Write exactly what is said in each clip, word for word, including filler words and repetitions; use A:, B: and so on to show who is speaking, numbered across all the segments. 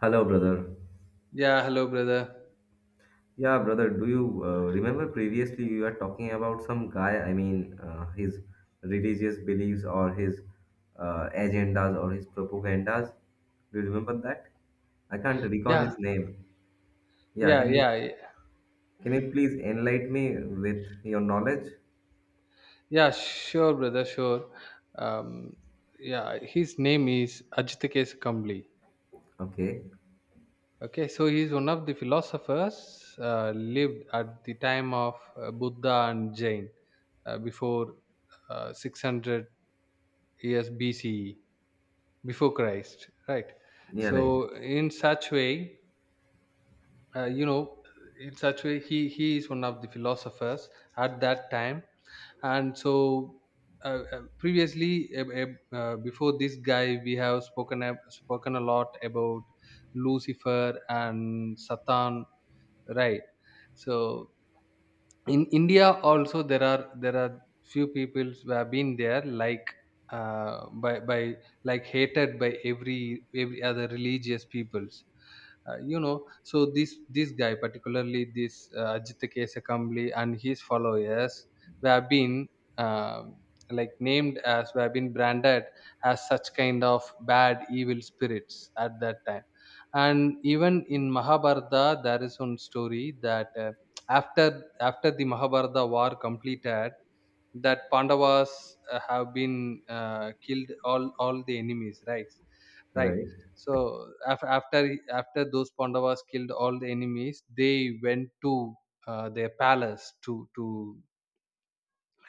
A: Hello, brother.
B: Yeah, hello, brother.
A: Yeah, brother, do you uh, remember previously you were talking about some guy? I mean, uh, his religious beliefs, or his uh, agendas, or his propagandas? Do you remember that? I can't recall
B: Yeah,
A: his name. Yeah,
B: yeah,
A: can you
B: yeah, yeah,
A: can you please enlighten me with your knowledge?
B: yeah, sure, brother, sure. Um, yeah, his name is Ajit Kambli.
A: Okay.
B: Okay, so he is one of the philosophers uh, lived at the time of uh, Buddha and Jain uh, before uh, six hundred years B C E, before Christ, right?
A: Yeah, right.
B: So, in such way, uh, you know, in such way, he, he is one of the philosophers at that time. And so, uh, uh, previously, uh, uh, uh, before this guy, we have spoken ab- spoken a lot about Lucifer and Satan, right? So in India also, there are there are few people who have been there, like, uh, by by, like, hated by every every other religious peoples. Uh, you know so this this guy, particularly this uh, Ajit Kesakamli, and his followers, we have been, um like, named as, we have been branded as such kind of bad evil spirits at that time. And even in Mahabharata, there is one story that, uh, after after the Mahabharata war completed, that Pandavas uh, have been, uh, killed all all the enemies, right? Right.
A: Right.
B: So af- after after those Pandavas killed all the enemies, they went to uh, their palace to to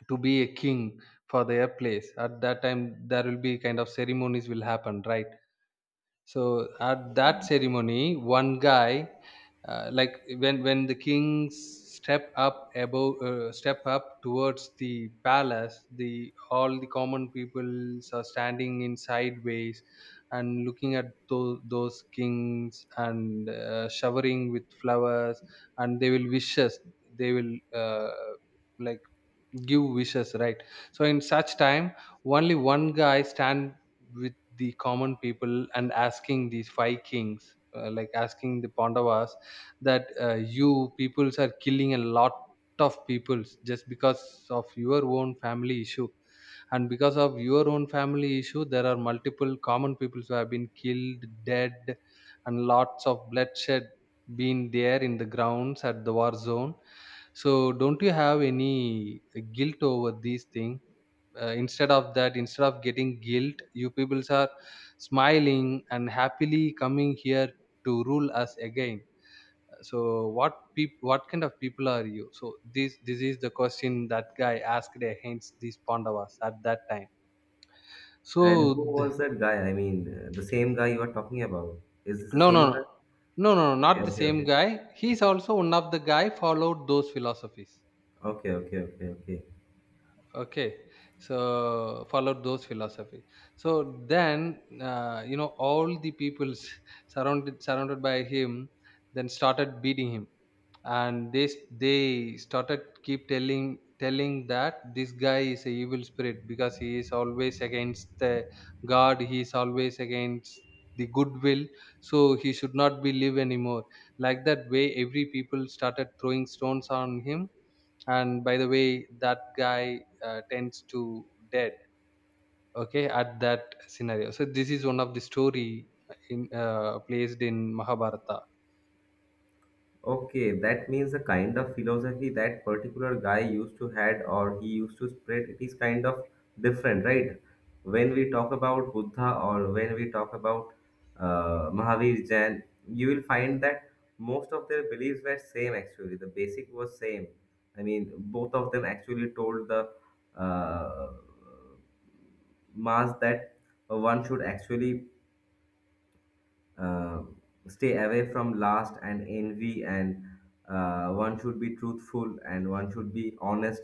B: to be a king for their place. At that time, there will be kind of ceremonies will happen, right? So at that ceremony, one guy, uh, like, when when the kings step up above, uh, step up towards the palace, the, all the common people are standing in sideways and looking at those, those kings, and uh, showering with flowers, and they will wishes. They will, uh, like, give wishes, right? So in such time, only one guy stand with the common people and asking these five kings, uh, like, asking the Pandavas that, uh, you peoples are killing a lot of peoples just because of your own family issue. And because of your own family issue, there are multiple common people who have been killed dead, and lots of bloodshed being there in the grounds at the war zone. So don't you have any guilt over these things? Uh, instead of that, instead of getting guilt, you peoples are smiling and happily coming here to rule us again. So what peop- what kind of people are you? So this this is the question that guy asked against these Pandavas at that time.
A: And who
B: So th—
A: was that guy? I mean, uh, the same guy you are talking about. Is this the
B: No, no,
A: same
B: no.
A: guy?
B: No, no, no,
A: Okay,
B: not the
A: okay,
B: same
A: okay,
B: guy. He's
A: okay.
B: also one of the guy followed those philosophies.
A: Okay, okay, okay, okay.
B: Okay. So followed those philosophies. So then, uh, you know, all the peoples surrounded surrounded by him, then started beating him. And they they started keep telling telling that this guy is a evil spirit, because he is always against the God, he is always against the goodwill, so he should not be live anymore. Like that way, every people started throwing stones on him, and by the way that guy uh, tends to dead. Okay, at that scenario. So this is one of the story in uh, placed in Mahabharata.
A: Okay, that means the kind of philosophy that particular guy used to had, or he used to spread, it is kind of different, right? When we talk about Buddha, or when we talk about uh, Mahavir Jain, you will find that most of their beliefs were same actually. The basic was same. I mean, both of them actually told the uh, mass that one should actually uh, stay away from lust and envy, and uh, one should be truthful and one should be honest.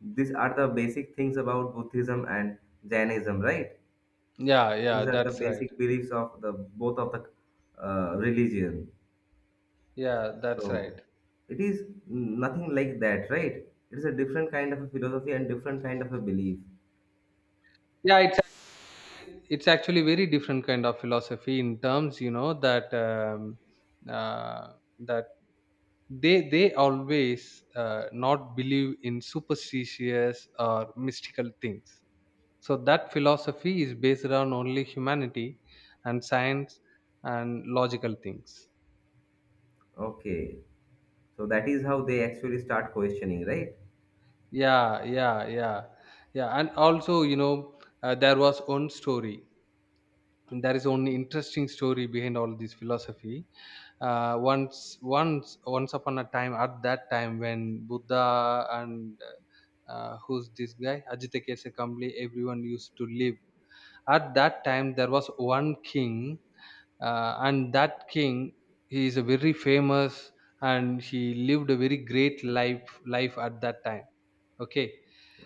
A: These are the basic things about Buddhism and Jainism, right?
B: Yeah, yeah,
A: These are the
B: that's right.
A: basic beliefs of the both of the uh, religion.
B: Yeah, that's right.
A: So it is nothing like that, right? It is a different kind of a philosophy and different kind of a belief.
B: Yeah, it's, it's actually very different kind of philosophy, in terms, you know, that, um, uh, that they they always uh, not believe in superstitious or mystical things. So that philosophy is based on only humanity and science and logical things.
A: Okay, so that is how they actually start questioning, right?
B: Yeah, yeah, yeah. Yeah, and also, you know, uh, there was one story. There is one interesting story behind all this philosophy. uh, once once once upon a time, at that time when Buddha and, uh, who's this guy, Ajita Kambli, everyone used to live. At that time, there was one king, uh, and that king, he is a very famous, and he lived a very great life life at that time. Okay.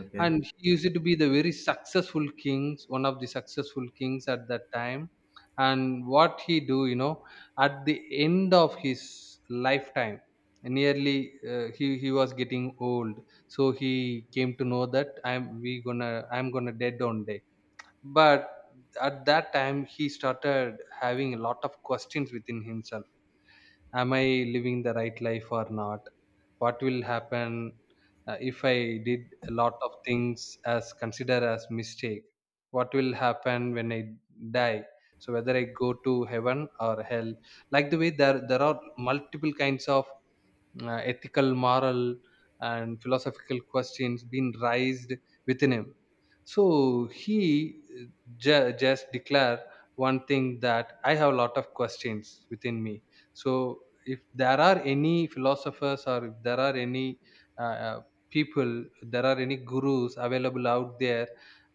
A: Okay,
B: And he used to be the very successful kings, one of the successful kings at that time. And what he do, you know, at the end of his lifetime, nearly, uh, he he was getting old. So he came to know that, i'm we gonna I'm gonna dead on day. But at that time, he started having a lot of questions within himself. Am I living the right life or not? What will happen uh, if I did a lot of things as considered as mistake? What will happen when I die? So whether I go to heaven or hell? Like the way, there there are multiple kinds of uh, ethical, moral, and philosophical questions been raised within him. So he, uh, ju- just declare one thing, that I have a lot of questions within me. So if there are any philosophers, or if there are any, uh, uh, people, there are any gurus available out there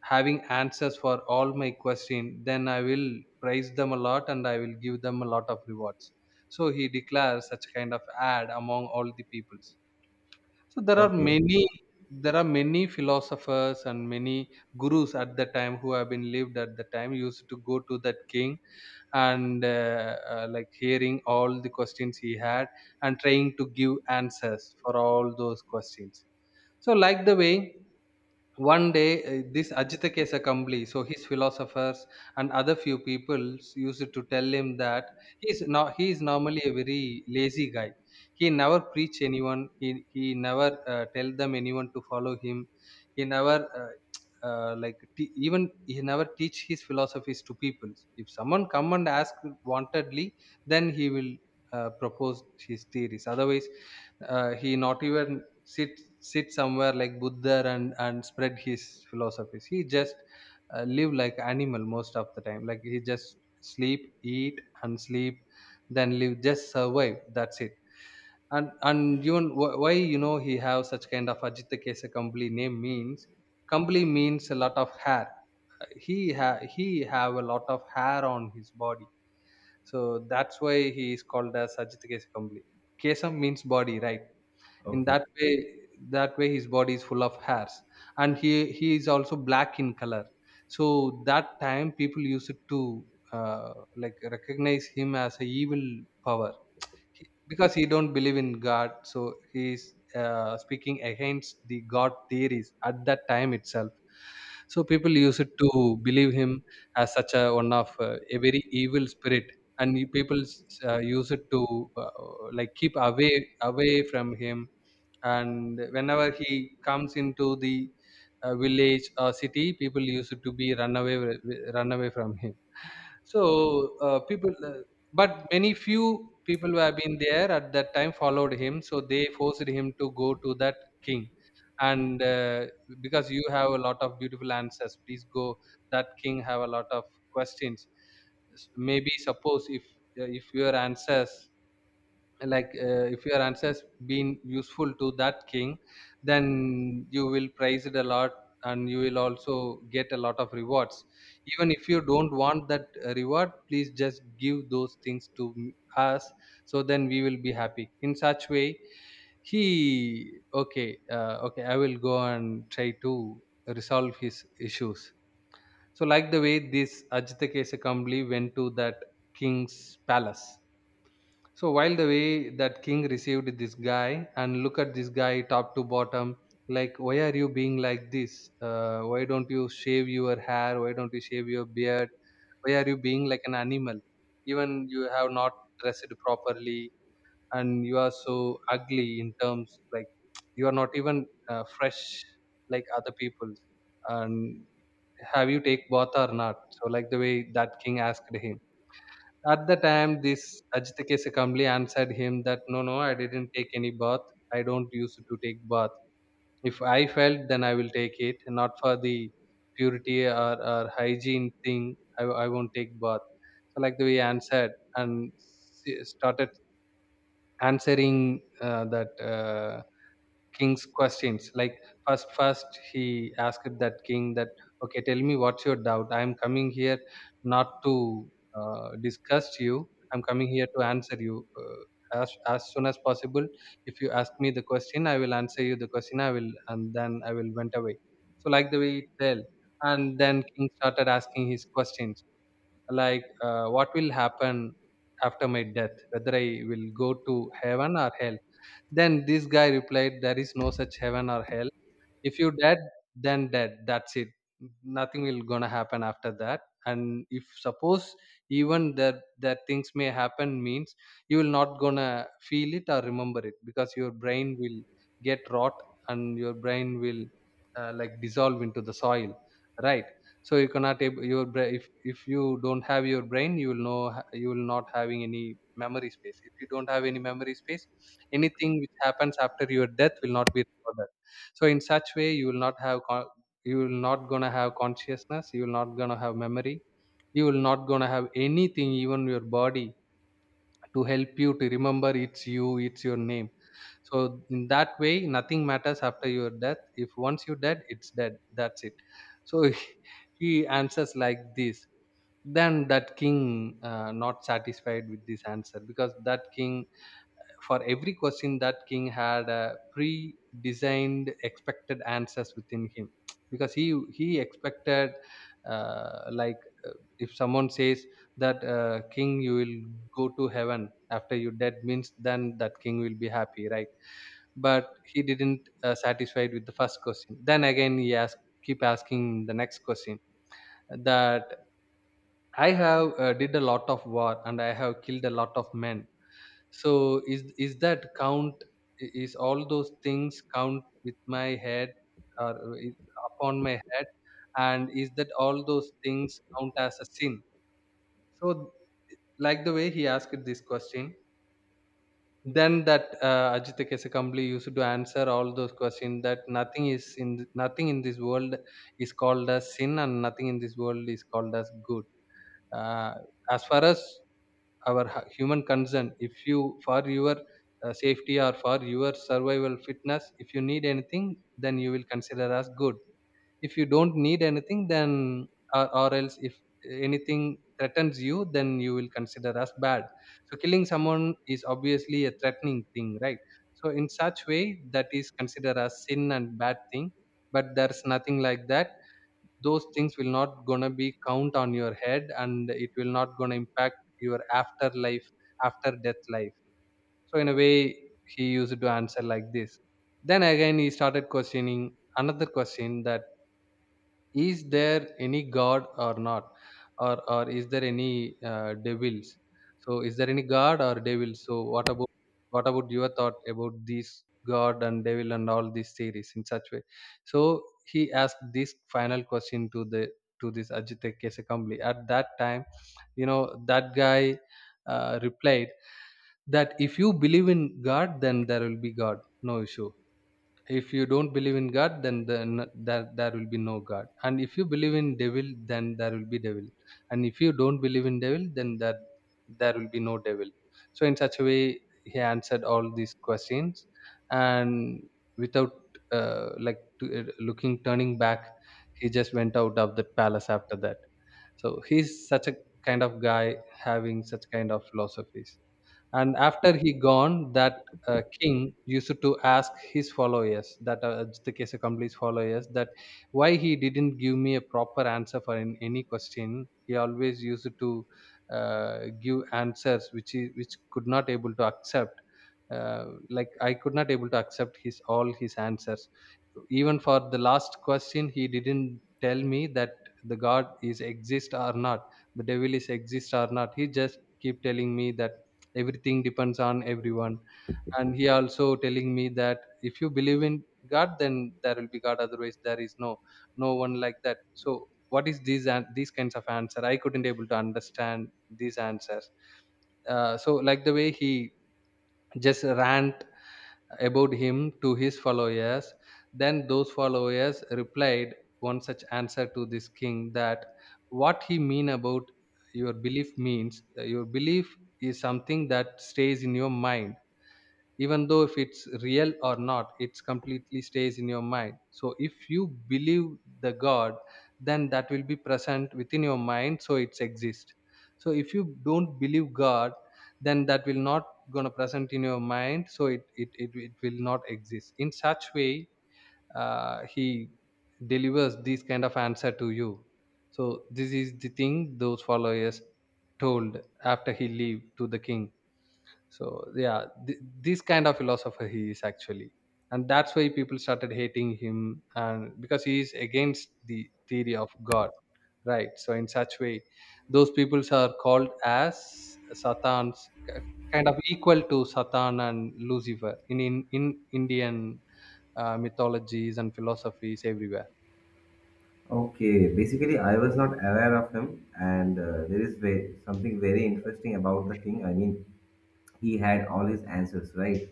B: having answers for all my question, then I will praise them a lot and I will give them a lot of rewards. So he declares such kind of ad among all the peoples. So there are
A: okay,
B: many, there are many philosophers and many gurus at the time who have been lived at the time, used to go to that king and, uh, uh, like, hearing all the questions he had and trying to give answers for all those questions. So, like the way, one day, uh, this Ajitakesa Kambli, so his philosophers and other few people used to tell him that he is not, he is normally a very lazy guy. He never preach anyone. He he never uh, tell them anyone to follow him. He never, uh, uh, like, te- even, he never teach his philosophies to people. If someone come and ask wantedly, then he will uh, propose his theories. Otherwise, uh, he not even sit sit somewhere like Buddha, and and spread his philosophies. He just uh, live like animal most of the time, like he just sleep, eat, and sleep, then live, just survive, that's it. And and even, wh- why, you know, he have such kind of Ajita Kesa Kambli name, means Kambli means a lot of hair. He ha- he have a lot of hair on his body. So that's why he is called as Ajita Kesa Kambli. Kesam means body, right? In
A: okay.
B: that way, that way his body is full of hairs. And he he is also black in color. So that time, people used to, uh, like, recognize him as a evil power. He- because he don't believe in god, so he is uh, speaking against the god theories at that time itself. So people used to believe him as such a one of uh, a very evil spirit. And you- people uh, use it to uh, like, keep away away from him. And whenever he comes into the uh, village or city, people used to be run away, wi- run away from him. So, uh, people, uh, but many few people who have been there at that time followed him, so they forced him to go to that king. And, uh, because you have a lot of beautiful answers, please go. That king have a lot of questions. S- maybe, suppose, if uh, if your answers, like, uh, if your answers been useful to that king, then you will praise it a lot and you will also get a lot of rewards. Even if you don't want that uh, reward, please just give those things to m- us, so then we will be happy. In such way, he, okay, uh, okay, I will go and try to resolve his issues. So, like the way, this Ajita Kesakambli went to that king's palace. So while the way, that king received this guy and look at this guy top to bottom, like, why are you being like this? Uh, why don't you shave your hair? Why don't you shave your beard? Why are you being like an animal? Even you have not dressed properly, and you are so ugly in terms, like, you are not even uh, fresh like other people. And have you take bath or not? So like the way, that king asked him. At the time, this Ajit calmly answered him that, no, no, I didn't take any bath. I don't used to take bath. If I felt, then I will take it, not for the purity or, or hygiene thing. I, I won't take bath. So, like the way he answered and s- started answering uh, that. Uh, king's questions, like, first first he asked that king that, okay, tell me what's your doubt. I am coming here not to uh, discuss you. I'm coming here to answer you uh, as, as soon as possible. If you ask me the question, I will answer you the question, I will, and then I will went away. So like the way it tell. And then king started asking his questions, like, uh, what will happen after my death, whether I will go to heaven or hell. Then this guy replied, there is no such heaven or hell. If you dead, then dead, that's it. Nothing will gonna happen after that. And if suppose, even that that things may happen means, you will not gonna feel it or remember it, because your brain will get rot, and your brain will uh, like dissolve into the soil, right? So you cannot able your bra- if if you don't have your brain, you will know h- you will not having any memory space. If you don't have any memory space, anything which happens after your death will not be recorded. So in such way, you will not have con- you will not gonna have consciousness, you will not gonna have memory, you will not gonna have anything, even your body to help you to remember it's you, it's your name. So in that way, nothing matters after your death. If once you dead, it's dead, that's it. So he answers like this. Then that king uh, not satisfied with this answer, because that king, for every question, that king had a pre-designed expected answers within him. Because he he expected uh, like, if someone says that, uh, king, you will go to heaven after you dead means, then that king will be happy, right? But he didn't uh, satisfied with the first question. Then again he asked, keep asking the next question, that, I have uh, did a lot of war and I have killed a lot of men. So is is that count, i- is all those things count with my head, or uh, i- upon my head? And is that all those things count as a sin? So like the way he asked this question. Then that uh, Ajita Kesakambli used to answer all those questions, that nothing is in th- nothing in this world is called as sin, and nothing in this world is called as good. Uh, as far as our hu- human concern, if you, for your uh, safety or for your survival fitness, if you need anything, then you will consider us good. If you don't need anything, then, or, or else if anything threatens you, then you will consider us bad. So killing someone is obviously a threatening thing, right? So in such way, that is considered as sin and bad thing. But there's nothing like that. Those things will not gonna be count on your head, and it will not gonna impact your afterlife, after death life. So in a way, he used to answer like this. Then again he started questioning another question, that, is there any god or not? Or or is there any uh, devils? So is there any god or devil? So what about, what about your thought about this god and devil and all these theories, in such way? So he asked this final question to the to this Ajit Kesakambli. At that time, you know, that guy uh, replied that, if you believe in god, then there will be god, no issue. If you don't believe in god, then then there, there will be no god. And if you believe in devil, then there will be devil. And if you don't believe in devil, then that there will be no devil. So in such a way, he answered all these questions. And without uh, like to, uh, looking, turning back, he just went out of the palace after that. So he's such a kind of guy, having such kind of philosophies. And after he gone, that uh, king used to ask his followers that, uh, the case accomplished followers, that why he didn't give me a proper answer. For in any question, he always used to uh, give answers which he which could not able to accept. Uh, like, I could not able to accept his all his answers. Even for the last question, he didn't tell me that the god is exist or not, the devil is exist or not. He just keep telling me that everything depends on everyone. And he also telling me that if you believe in god then there will be god, otherwise there is no no one like that. So what is these and these kinds of answer? I couldn't able to understand these answers. Uh, so like the way he just rant about him to his followers. Then those followers replied one such answer to this king, that, what he mean about your belief means, uh, your belief is something that stays in your mind. Even though if it's real or not, it's completely stays in your mind. So if you believe the god, then that will be present within your mind, so it's exist. So if you don't believe god, then that will not gonna present in your mind, so it it, it, it will not exist. In such way, uh, he delivers this kind of answer to you. So this is the thing those followers told after he leave, to the king. So yeah, th- this kind of philosopher he is actually. And that's why people started hating him, and because he is against the theory of god, right? So in such way, those peoples are called as Satans, k- kind of equal to Satan and Lucifer, in in, in Indian uh, mythologies and philosophies, everywhere.
A: Okay, basically, I was not aware of him, and uh, there is ve- something very interesting about the king. I mean, he had all his answers right,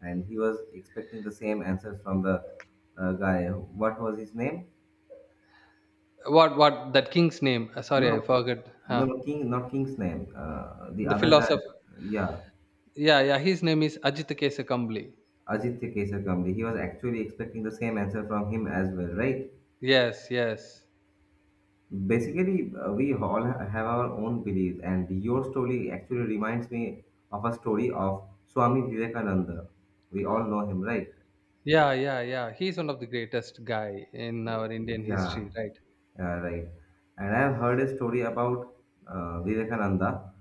A: and he was expecting the same answers from the uh, guy. What was his name?
B: What what that king's name? Uh, sorry, I
A: No,
B: forgot. Huh.
A: no, king, not king's name. Uh, the
B: The
A: other guy,
B: philosopher.
A: yeah,
B: Yeah, yeah, his name is Ajit Kesa Kambli.
A: Ajit Kesar Kamli. He was actually expecting the same answer from him as well, right?
B: Yes, yes.
A: Basically, uh, we all ha- have our own beliefs, and your story actually reminds me of a story of Swami Vivekananda. We all know him, right?
B: Yeah, yeah, yeah. He's one of the greatest guy in our Indian
A: Yeah,
B: history, right?
A: yeah, right. And I have heard a story about uh, Vivekananda,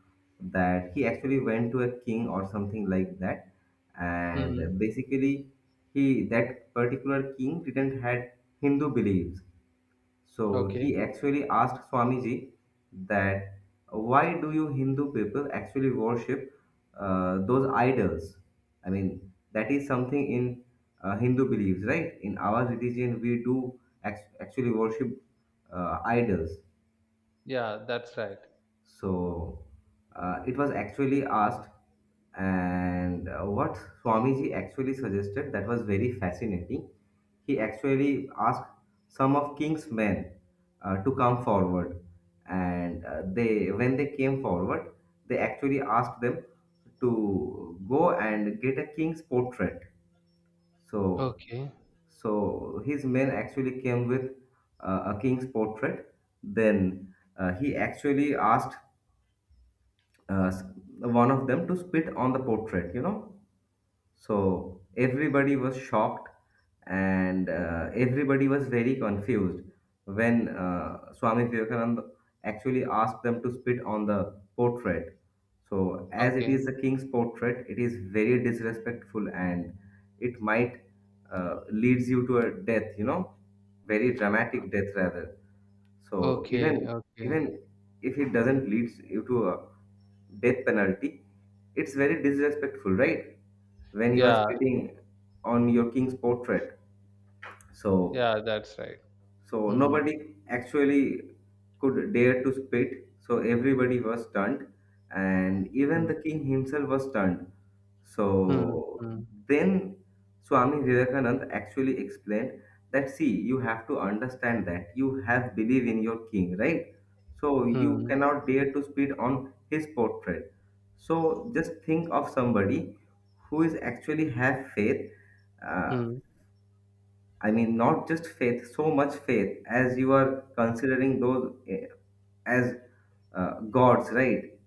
A: that he actually went to a king or something like that, and
B: Hmm.
A: basically, he that particular king didn't had Hindu beliefs. So
B: Okay.
A: he actually asked Swamiji that why do you Hindu people actually worship uh, those idols? I mean, that is something in uh, Hindu beliefs, right? In our religion, we do act- actually worship uh, idols.
B: Yeah, that's right.
A: So uh, it was actually asked, and uh, what Swamiji actually suggested that was very fascinating. He actually asked some of King's men uh, to come forward, and uh, they when they came forward, they actually asked them to go and get a king's portrait. So,
B: Okay.
A: so his men actually came with uh, a king's portrait. Then uh, he actually asked uh, s- one of them to spit on the portrait, you know. So everybody was shocked, and uh, everybody was very confused when uh, Swami Vivekananda actually asked them to spit on the portrait. So, as it
B: Okay.
A: is the king's portrait, it is very disrespectful, and it might uh, leads you to a death, you know, very dramatic death rather. So
B: Okay.
A: even
B: Okay.
A: even if it doesn't lead you to a death penalty, it's very disrespectful, right? When you are
B: Yeah.
A: spitting on your king's portrait. So
B: Yeah, that's right.
A: so
B: Hmm.
A: nobody actually could dare to spit. So everybody was stunned, and even
B: Hmm.
A: the king himself was stunned.
B: Hmm.
A: So
B: Hmm.
A: then Swami Vivekananda actually explained that see, you have to understand that you have belief in your king, right? So you
B: Hmm.
A: cannot dare to spit on his portrait. So just think of somebody who is actually have faith, uh,
B: Hmm.
A: I mean, not just faith, so much faith as you are considering those eh, as uh, gods, right?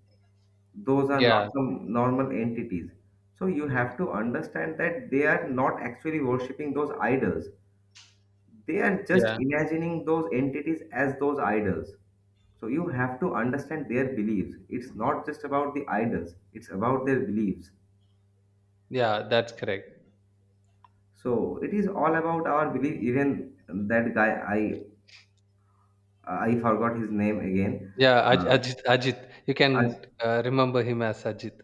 A: Those are
B: Yeah.
A: not some normal entities. So you have to understand that they are not actually worshipping those idols. They are just
B: Yeah.
A: imagining those entities as those idols. So you have to understand their beliefs. It's not just about the idols, it's about their beliefs.
B: Yeah, that's correct.
A: So it is all about our belief. Even that guy, I I forgot his name again.
B: Yeah, Aj-
A: Uh,
B: Ajit. Ajit. You can
A: Aj-
B: uh, remember him as Ajit.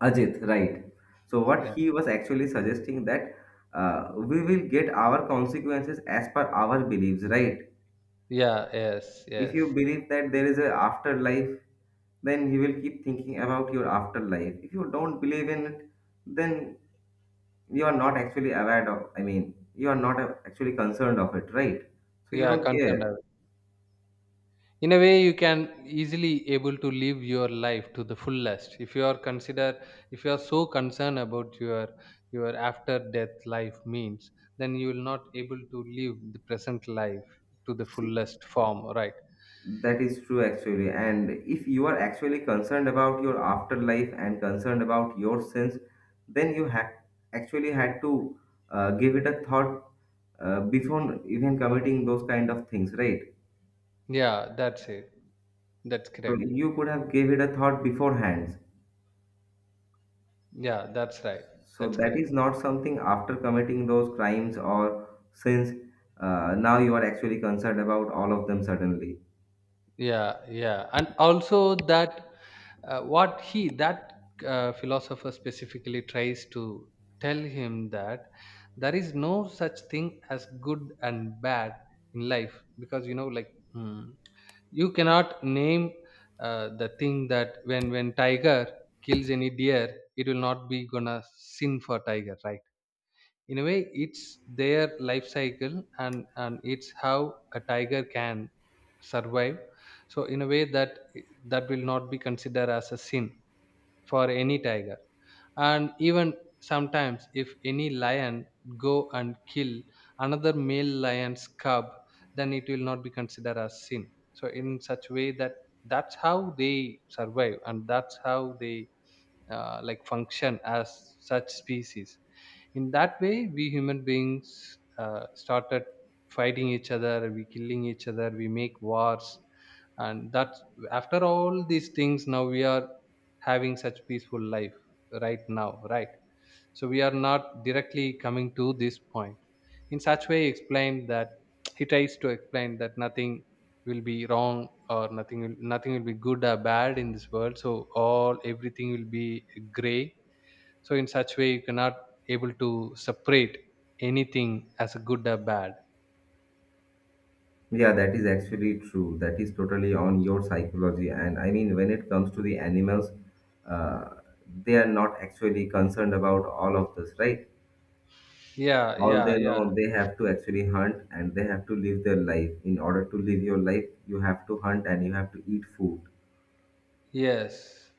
A: Ajit, right. So what
B: Yeah.
A: he was actually suggesting that uh, we will get our consequences as per our beliefs, right?
B: Yeah. Yes.
A: If you
B: Yes.
A: believe that there is a afterlife, then you will keep thinking about your afterlife. If you don't believe in it, then you are not actually aware of, I mean, you are not uh, actually concerned of it, right? So you
B: Yeah.
A: don't
B: Concerned.
A: care.
B: In a way, you can easily able to live your life to the fullest. If you are consider, if you are so concerned about your your after death life means, then you will not able to live the present life to the fullest form, right?
A: That is true actually. And if you are actually concerned about your afterlife and concerned about your sins, then you ha- actually had to uh, give it a thought uh, before even committing those kind of things, right?
B: Yeah, that's it. That's
A: So
B: correct.
A: you could have gave it a thought beforehand.
B: Yeah, that's right.
A: So
B: That's
A: that
B: correct.
A: is not something after committing those crimes or sins. Uh, now you are actually concerned about all of them suddenly.
B: Yeah, yeah. And also that, uh, what he, that uh, philosopher, specifically tries to tell him that there is no such thing as good and bad in life, because, you know like, hmm, you cannot name uh, the thing that, when when tiger kills any deer, it will not be gonna sin for tiger, right? In a way, it's their life cycle, and and it's how a tiger can survive. So in a way, that that will not be considered as a sin for any tiger. And even sometimes if any lion go and kill another male lion's cub, then it will not be considered as sin. So in such way, that that's how they survive, and that's how they uh, like function as such species. In that way, we human beings uh, started fighting each other, we killing each other, we make wars. And that's, after all these things, now we are having such peaceful life right now, right? So we are not directly coming to this point. In such way, he explained that, he tries to explain that nothing will be wrong, or nothing will nothing will be good or bad in this world. So all everything will be gray. So in such way, you cannot able to separate anything as a good or bad.
A: Yeah, that is actually true. That is totally on your psychology. And I mean, when it comes to the animals, uh, they are not actually concerned about all of this, right?
B: Yeah,
A: All
B: yeah,
A: they
B: yeah.
A: know, they have to actually hunt and they have to live their life. In order to live your life, you have to hunt and you have to eat food.
B: Yes.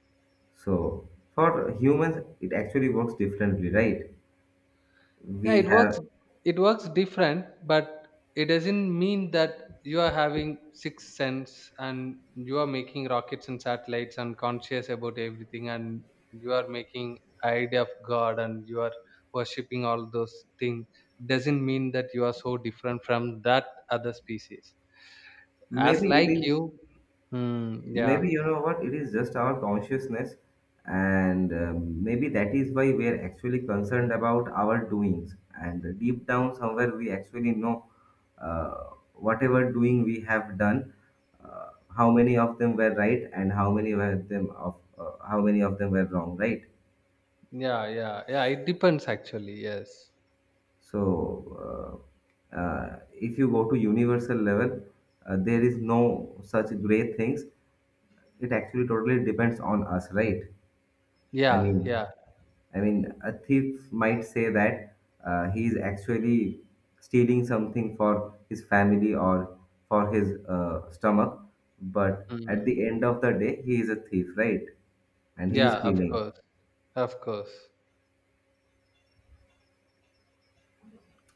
A: So for humans, it actually works differently, right?
B: Yeah,
A: We
B: it
A: have,
B: works it works different, but it doesn't mean that you are having sixth sense, and you are making rockets and satellites and conscious about everything, and you are making idea of god, and you are worshipping all those things, doesn't mean that you are so different from that other species, as
A: maybe it
B: like
A: is,
B: you. Hmm, yeah,
A: maybe you know what it is, just our consciousness. And um, maybe that is why we are actually concerned about our doings, and deep down somewhere we actually know uh, whatever doing we have done, uh, how many of them were right and how many were them of uh, how many of them were wrong, right?
B: yeah, yeah. Yeah, it depends actually. Yes.
A: So uh, uh, if you go to universal level, uh, there is no such great things. It actually totally depends on us, right? i
B: Yeah,
A: mean
B: yeah.
A: I mean, a thief might say that uh, he is actually stealing something for his family, or for his uh, stomach, but at
B: Mm.
A: the end of the day, he is a thief, right? And he is
B: Yeah, of
A: stealing.
B: course, of course.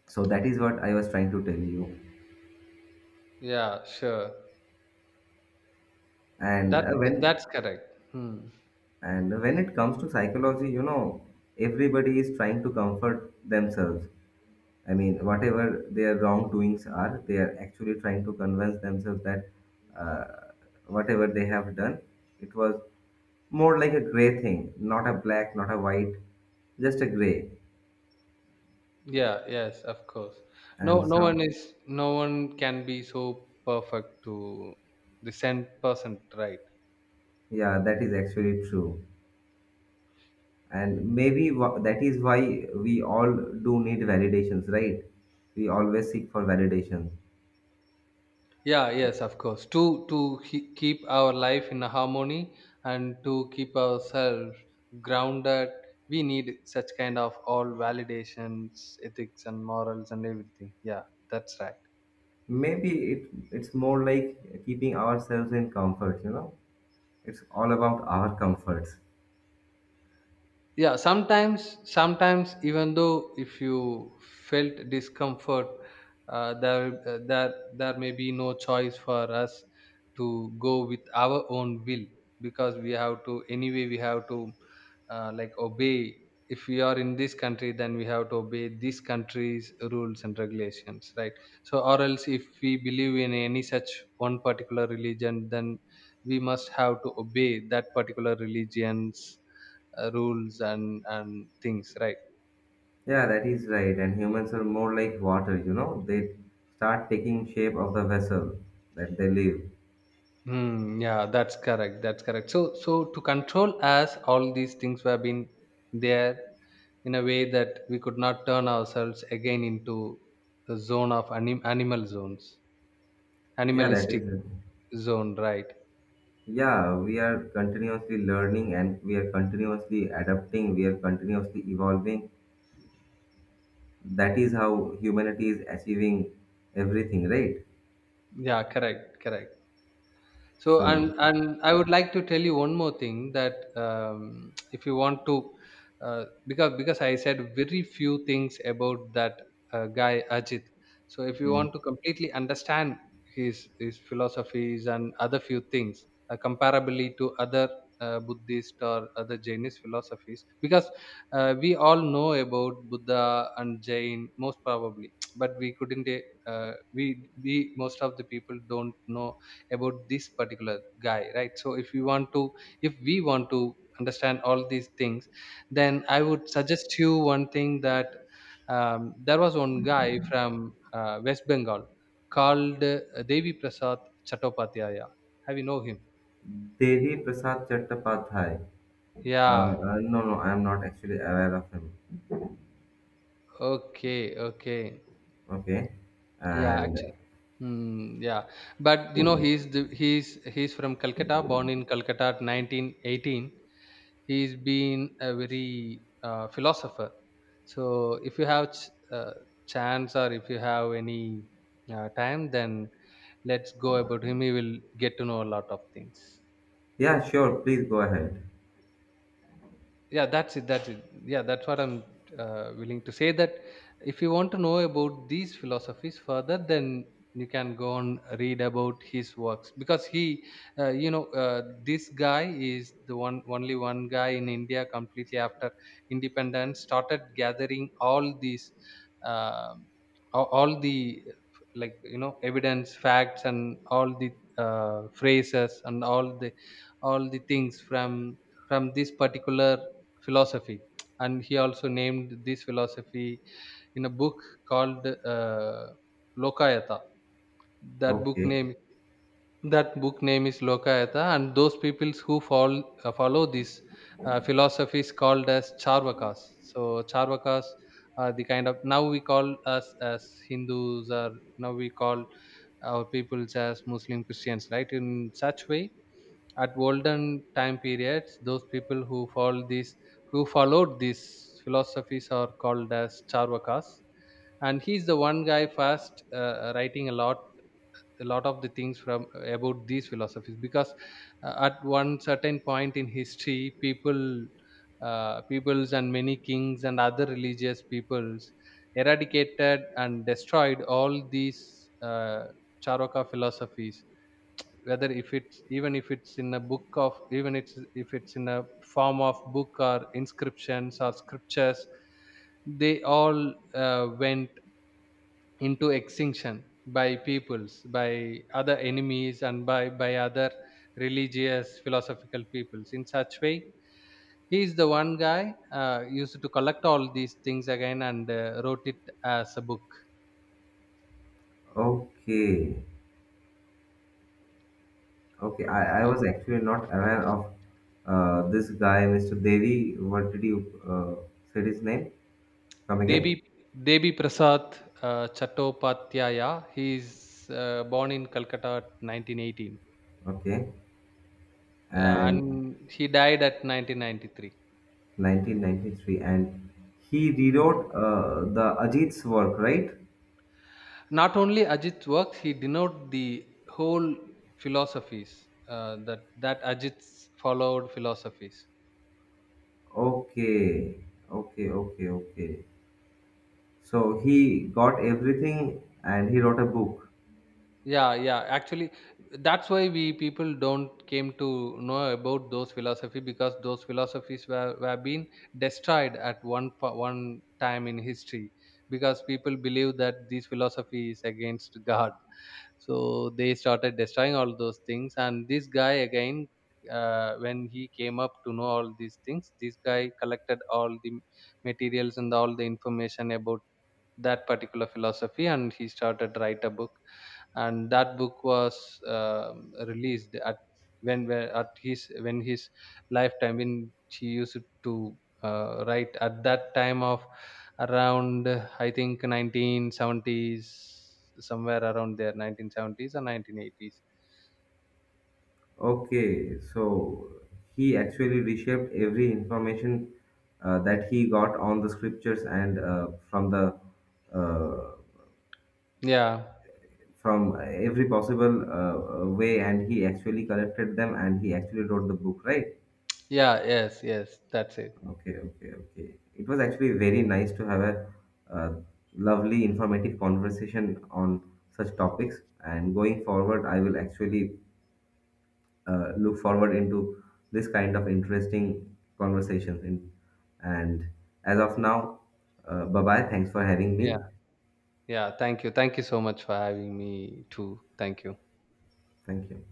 A: So that is what I was trying to tell you.
B: Yeah, sure.
A: And
B: That's
A: uh, when
B: that's correct. Hmm.
A: and when it comes to psychology, you know, everybody is trying to comfort themselves. I mean, whatever their wrongdoings are, they are actually trying to convince themselves that uh, whatever they have done, it was more like a gray thing, not a black, not a white, just a gray.
B: Yeah, yes, of course. No,
A: And
B: no
A: some,
B: one is, no one can be so perfect to the cent percent, right?
A: yeah, that is actually true. And maybe wha- that is why we all do need validations, right? We always seek for validations.
B: Yeah, yes, of course. To to he- keep our life in harmony and to keep ourselves grounded, we need such kind of all validations, ethics, and morals and everything. Yeah, that's right.
A: Maybe it it's more like keeping ourselves in comfort, you know? It's all about our comforts.
B: Yeah, sometimes sometimes, even though if you felt discomfort, uh, there uh, there there may be no choice for us to go with our own will, because we have to, anyway we have to uh, like obey. If we are in this country, then we have to obey this country's rules and regulations, right? So, or else, if we believe in any such one particular religion, then we must have to obey that particular religion's uh, rules and and things, right?
A: Yeah, that is right. And humans are more like water, you know, they start taking shape of the vessel that they live.
B: Hmm, yeah, that's correct. That's correct. So, so, to control us, all these things were been there, in a way that we could not turn ourselves again into the zone of anim- animal zones,
A: Yeah, that
B: animalistic
A: is.
B: zone, right?
A: Yeah, we are continuously learning, and we are continuously adapting, we are continuously evolving. That is how humanity is achieving everything, right?
B: Yeah, correct, correct. So
A: So,
B: and and I would like to tell you one more thing that um, if you want to uh, because because I said very few things about that uh, guy Ajit. So if you
A: mm.
B: want to completely understand his his philosophies and other few things uh, comparably to other uh, Buddhist or other Jainist philosophies, because uh, we all know about Buddha and Jain most probably, but we couldn't uh, we we most of the people don't know about this particular guy, right? So if you want to, if we want to understand all these things, then I would suggest you one thing, that um, there was one guy from uh, West Bengal called uh, Devi Prasad Chattopadhyaya. Have you know him?
A: Devi Prasad Chattopadhyay. Uh,
B: Yeah.
A: uh, no, no, I am not actually aware of him.
B: Okay, okay.
A: Okay.
B: Yeah,
A: And
B: actually. Hmm, yeah, but you know, he's the, he's he's from Calcutta, born in Calcutta at nineteen eighteen. He's been a very uh, philosopher. So if you have ch- uh, chance, or if you have any uh, time, then let's go about him. He will get to know a lot of things.
A: yeah, sure, please go ahead.
B: Yeah that's it that's it Yeah, that's what I'm uh, willing to say, that if you want to know about these philosophies further, then you can go and read about his works, because he, uh, you know uh, this guy is the one, only one guy in India, completely after independence, started gathering all these, uh, all all the, like you know evidence, facts, and all the uh, phrases, and all the, all the things from from this particular philosophy. And he also named this philosophy in a book called uh, Lokayata. That book
A: Okay.
B: name, that book name is Lokayata. And those peoples who follow, uh, follow this uh, philosophy is called as Charvakas. So Charvakas are the kind of, now we call us as Hindus, or now we call our peoples as Muslim Christians, right? In such way, at olden time periods, those people who follow this, who followed these philosophies, are called as Charvakas. And he's the one guy first uh, writing a lot, a lot of the things from, uh, about these philosophies, because uh, at one certain point in history, people, uh, peoples and many kings and other religious peoples eradicated and destroyed all these uh, Charoka philosophies, whether if it's, even if it's in a book of, even it's, if it's in a form of book or inscriptions or scriptures, they all uh, went into extinction by peoples, by other enemies, and by by other religious philosophical peoples. In such way, he is the one guy uh, used to collect all these things again and uh, wrote it as a book.
A: Okay. Okay, I, I
B: Yeah.
A: was actually not aware of uh, this guy, mister Devi. What did you uh, said his name? Come
B: devi
A: again?
B: devi Prasad uh, Chattopadhyaya. He is uh, born in Calcutta at nineteen eighteen.
A: Okay,
B: Yeah,
A: and
B: and he died at nineteen ninety-three.
A: nineteen ninety-three, and he
B: Mm.
A: rewrote uh, the Ajit's work, right?
B: Not only Ajit's works, he denoted the whole philosophies uh, that that Ajit followed philosophies.
A: Okay, okay, okay, okay. So he got everything and he wrote a book.
B: Yeah, yeah, actually, that's why we people don't came to know about those philosophy, because those philosophies were, were been destroyed at one po- one time in history, because people believe that these philosophy is against God, so they started destroying all those things. And this guy again, uh, when he came up to know all these things, this guy collected all the materials and all the information about that particular philosophy, and he started write a book. And that book was um released at, when where- at his, when his lifetime, when she used to uh, write at that time of around, uh, I think nineteen seventies, somewhere around there, nineteen seventies or nineteen eighties.
A: Okay, so he actually reshaped every information uh, that he got on the scriptures, and uh, from the uh,
B: Yeah,
A: from every possible uh, uh, way, and he actually collected them and he actually wrote the book, right?
B: yeah, yes, yes, that's it.
A: Okay, okay, okay. It was actually very nice to have a uh, lovely, informative conversation on such topics. And going forward, I will actually uh, look forward into this kind of interesting conversations. In, and as of now, uh, bye bye. Thanks for having
B: Yeah,
A: me.
B: yeah, thank you, thank you so much for having me too. Thank you.
A: Thank you.